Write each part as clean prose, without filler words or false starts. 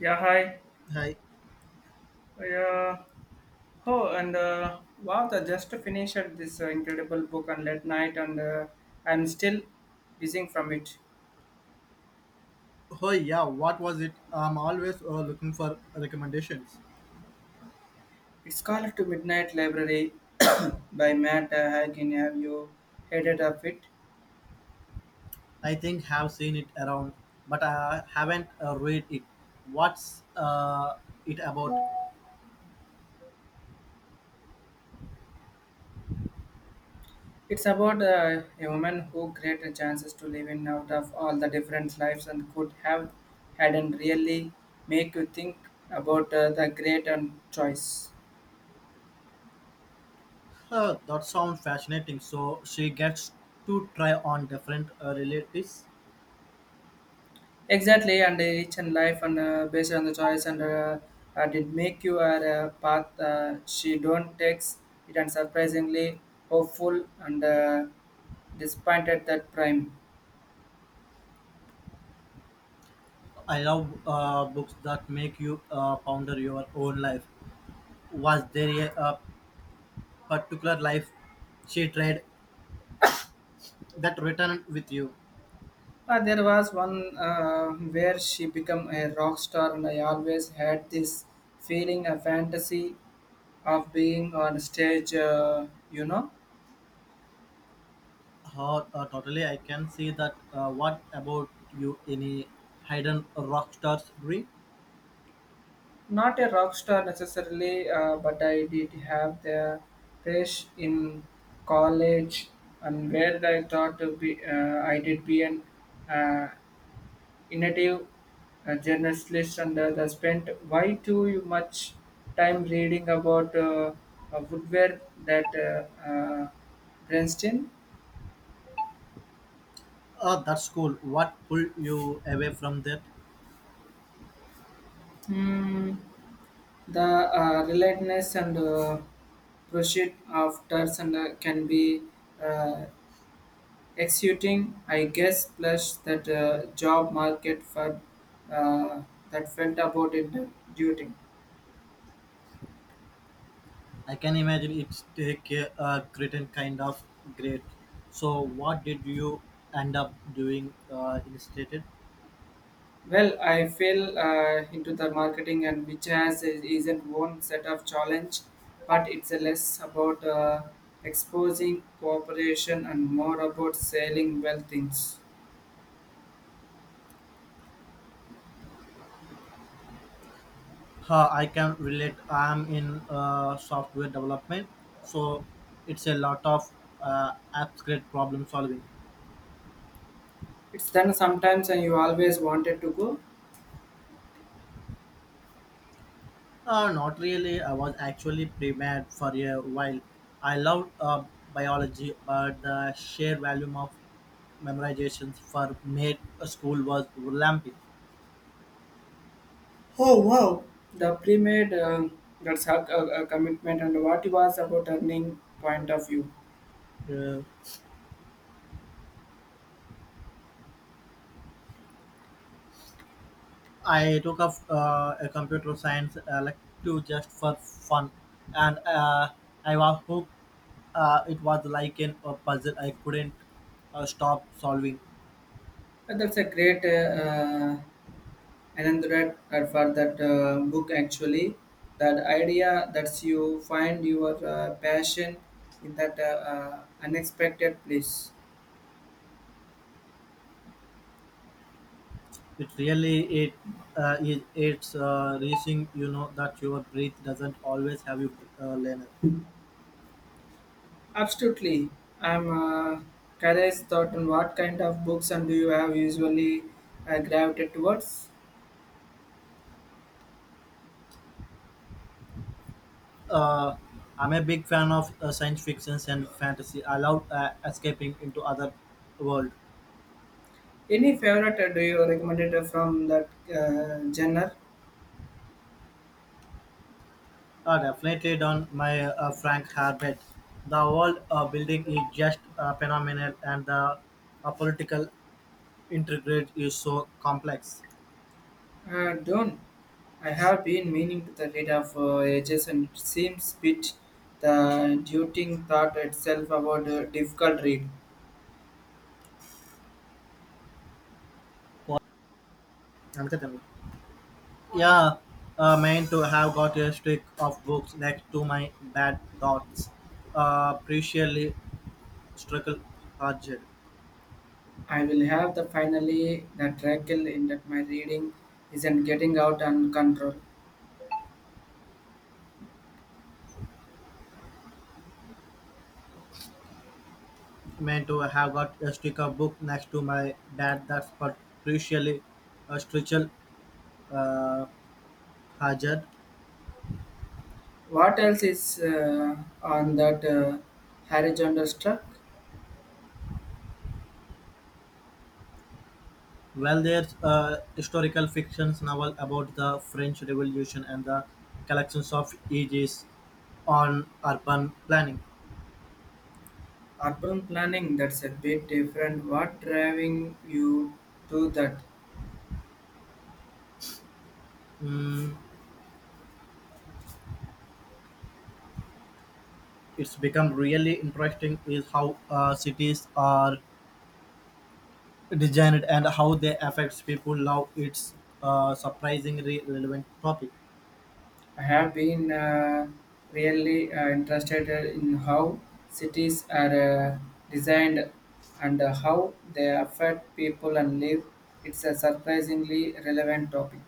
Yeah, hi. Hi. Yeah. Oh, and wow, I just finished this incredible book on late night, and I'm still buzzing from it. Oh yeah, what was it? I'm always looking for recommendations. It's called To Midnight Library by Matt Hagen. Have you heard it of it? I think have seen it around, but I haven't read it. What's it about? It's about a woman who created chances to live in out of all the different lives and could have had and really make you think about the great and choice. Huh, that sounds fascinating. So she gets to try on different relatives. Exactly, and each and life and based on the choice and did make you a path. She don't takes it and surprisingly hopeful and disappointed that prime. I love books that make you ponder your own life. Was there a particular life she tried that returned with you? There was one where she became a rock star, and I always had this feeling, a fantasy of being on stage. You know. Hot, totally. I can see that. What about you? Any hidden rock stars dream? Not a rock star necessarily, but I did have the push in college, and where I thought to be, I did be an uh, innovative journalist, and I spent way too much time reading about woodware that Bernstein. That's cool. What pulled you away from that? Hmm, the relentless and pursuit of turds and can be uh, executing, I guess, plus that job market for uh, that felt about it duty. I can imagine it's take a certain kind of great. So, what did you end up doing instead? Well, I fell into the marketing and which not one set of challenge, but it's a less about exposing cooperation and more about selling well things. I can relate. I'm in software development, so it's a lot of abstract problem solving. It's done sometimes and you always wanted to go. Not really. I was actually pre-med for a while. I loved biology, but the sheer volume of memorizations for med school was overwhelming. Oh wow, the pre-made that's a commitment and what it was about earning point of view. Uh, I took up a computer science elective just for fun, and I was hooked. It was like a puzzle I couldn't stop solving. That's a great Anandrat for that book actually. That idea that you find your passion in that unexpected place. It really it it it's reaching you know that your breath doesn't always have you learn. Absolutely. I'm curious thought on what kind of books and do you have usually gravitated towards? Uh, I'm a big fan of science fiction and fantasy. I love escaping into other world. Any favorite do you recommend it from that genre? Definitely on my Frank Herbert, the world building is just phenomenal, and the political intrigue is so complex. Done. I have been meaning to the read of ages and it seems bit the duting thought itself about a difficult read. What? అంతే కదా. Yeah, meant to have got a stick of books next to my bad thoughts. Preciously struggle urged. I will have the finally the trickle in that my reading isn't getting out and control. Meant to have got a stick of book next to my bad thoughts, but preciously struggle uh, urged. What else is on that horizontal struck? Well, there's a historical fiction novel about the French Revolution and the collections of ages on urban planning. Urban planning, that's a bit different. What driving you to that? Mm, it's become really interesting is how cities are Design and how they affect people love its surprisingly relevant topic. I have been really interested in how cities are designed and how they affect people and live. It's a surprisingly relevant topic.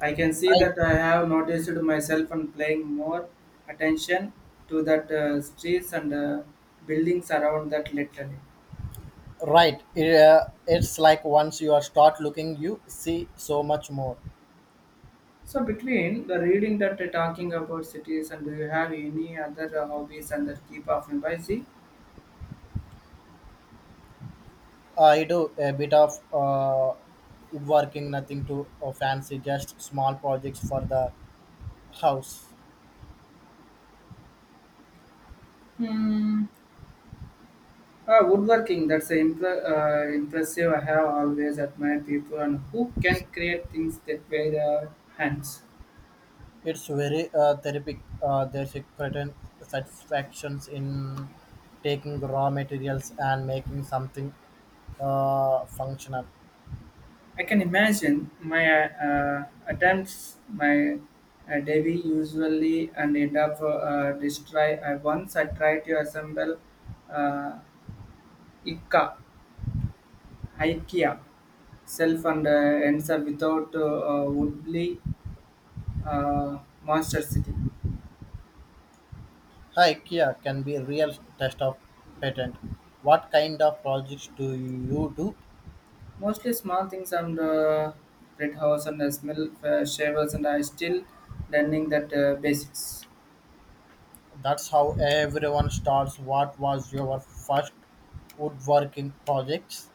I can see that Right, I have noticed myself and paying more attention to that streets and buildings around that literally. right. It, it's like once you are start looking, you see so much more. So between the reading that talking about cities and do you have any other hobbies and that keep off in busy? I do a bit of woodworking, nothing too fancy, just small projects for the house. Hmm. Woodworking, that's a impressive. I have always admired people and who can create things that way their hands. It's very therapeutic. There's a certain satisfactions in taking raw materials and making something functional. I can imagine my attempts, my Devi usually and end up destroy. I once I tried to assemble uh, Ikka, IKEA self and ends up without woodly uh, monster city. Hi IKEA can be a real test of patent. What kind of projects do you do? Mostly small things and house and smell shavers and I still learning that basics. That's how everyone starts. What was your first woodworking projects?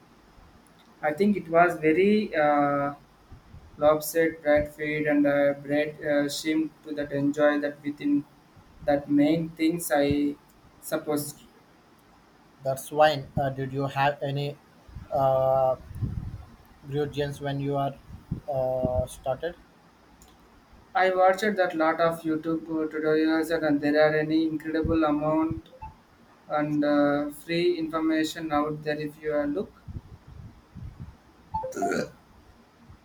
I think it was very lopsided bread feed and bread shrimp to that enjoy that within that main things I suppose. That's fine. Did you have any uh, grudges when you are started? I watched that lot of YouTube tutorials and there are any incredible amount and free information out there if you look.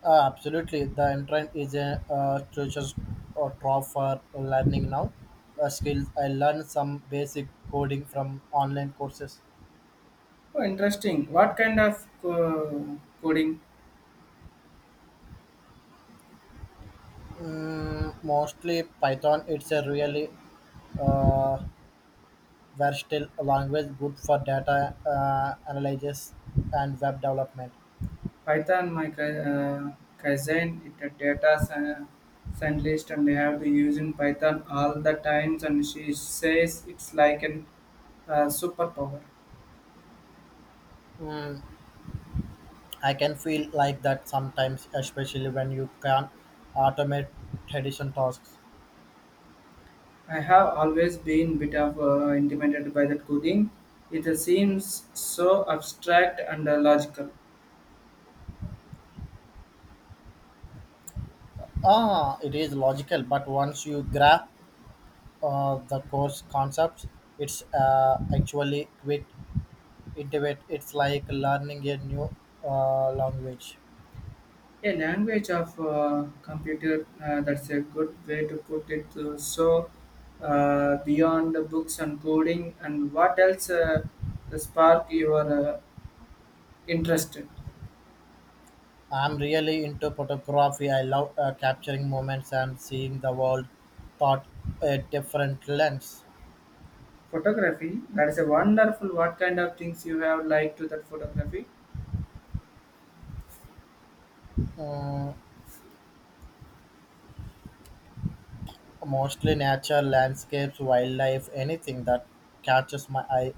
Absolutely. The internet is a treasure or trough for learning now. Skills. I learned some basic coding from online courses. Oh, interesting. What kind of coding? Mm, mostly Python. It's a really uh, versatile language, good for data analysis and web development. Python, my cousin, it a scientist and they have been using Python all the times, and she says it's like an superpower. Mm, I can feel like that sometimes, especially when you can automate traditional tasks. I have always been bit of intimidated by that coding. It seems so abstract and logical. Ah, it is logical, but once you grasp the course concepts, it's actually quite intuitive. It's like learning a new language. A language of computer that's a good way to put it. So beyond the books and coding and what else spark your interested I'm really into photography. I love capturing moments and seeing the world through a different lens. photography. That is a wonderful. What kind of things you have liked to that photography? Mm, mostly nature, landscapes, wildlife, anything that catches my eye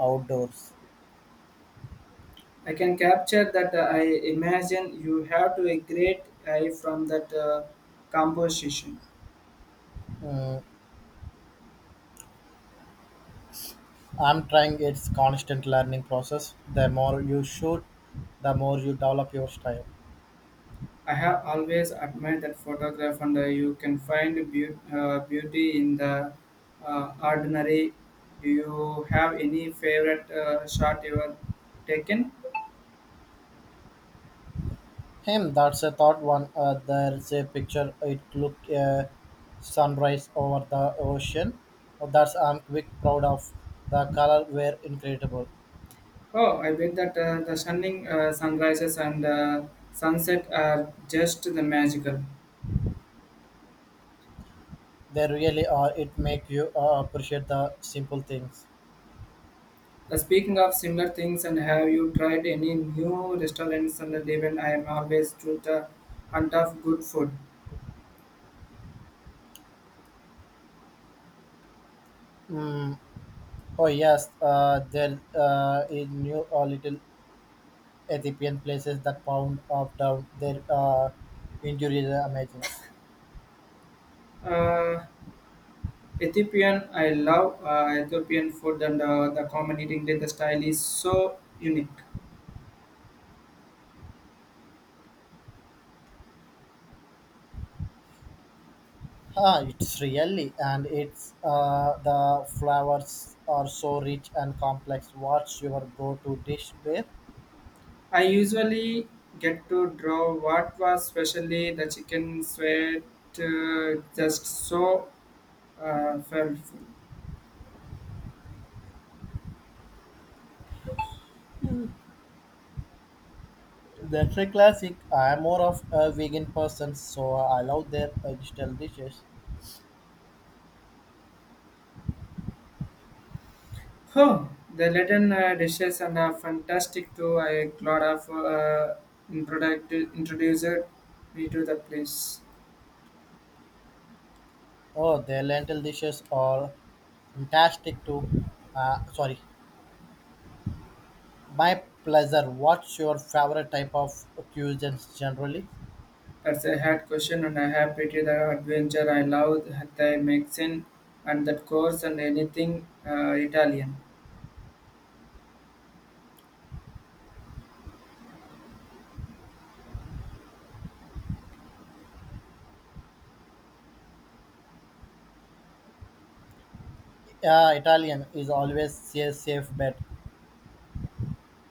outdoors. I can capture that I imagine you have to a great eye from that composition. Mm, I'm trying its constant learning process. The more you shoot, the more you develop your style. I have always admired that photograph and you can find beauty in the ordinary. Do you have any favorite shot you have taken? Him, that's a thought one. There's a picture. It look sunrise over the ocean. Oh, that's I'm quick proud of. The color were incredible. Oh, I bet that the stunning sunrises and sunset are just the magical. They really are. It make you appreciate the simple things. Speaking of similar things, and have you tried any new restaurants on the day? Even I am always to the hunt of good food. Mm. Oh yes, there in new little Ethiopian places that pound of down their injuries are amazing. Uh, Ethiopian, I love Ethiopian food, and the common eating day, the style is so unique. Ah, it's really, and it's the flavors are so rich and complex. What's your go-to dish there? I usually get to draw what was specially the chicken sweat, just so flavorful. That's a classic. I'm more of a vegan person, so I love their vegetable dishes. Oh, the Latin dishes and fantastic too. I lot of introduced me to the place. Oh, their lentil dishes are fantastic too. Sorry, my pleasure. What's your favorite type of cuisines generally? That's a hard question, and I have pretty the adventure. I love the Mexican and that course and anything Italian. Italian is always a safe bet.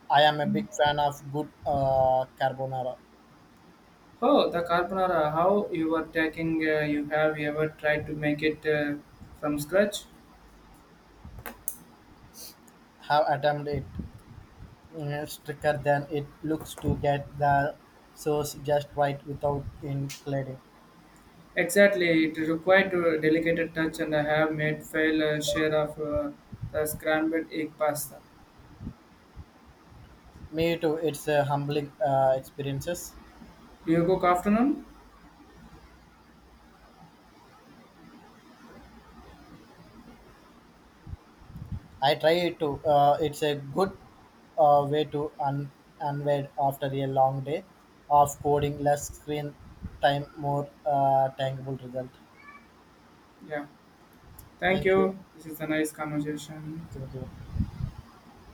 I am a big fan of good carbonara. Oh, the carbonara! How you were taking? You have you ever tried to make it from scratch? Have attempted it stricter than it looks to get the source just right without including. Exactly, it required a delicate touch, and I have made fail share of the scrambled egg pasta. Me too. It's a humbling experiences. Do you go afternoon? I try it too. It's a good way to unwind after a long day of coding. Less screen time, more tangible result. Yeah. Thank Thank you. you. This is a nice conversation. Thank you.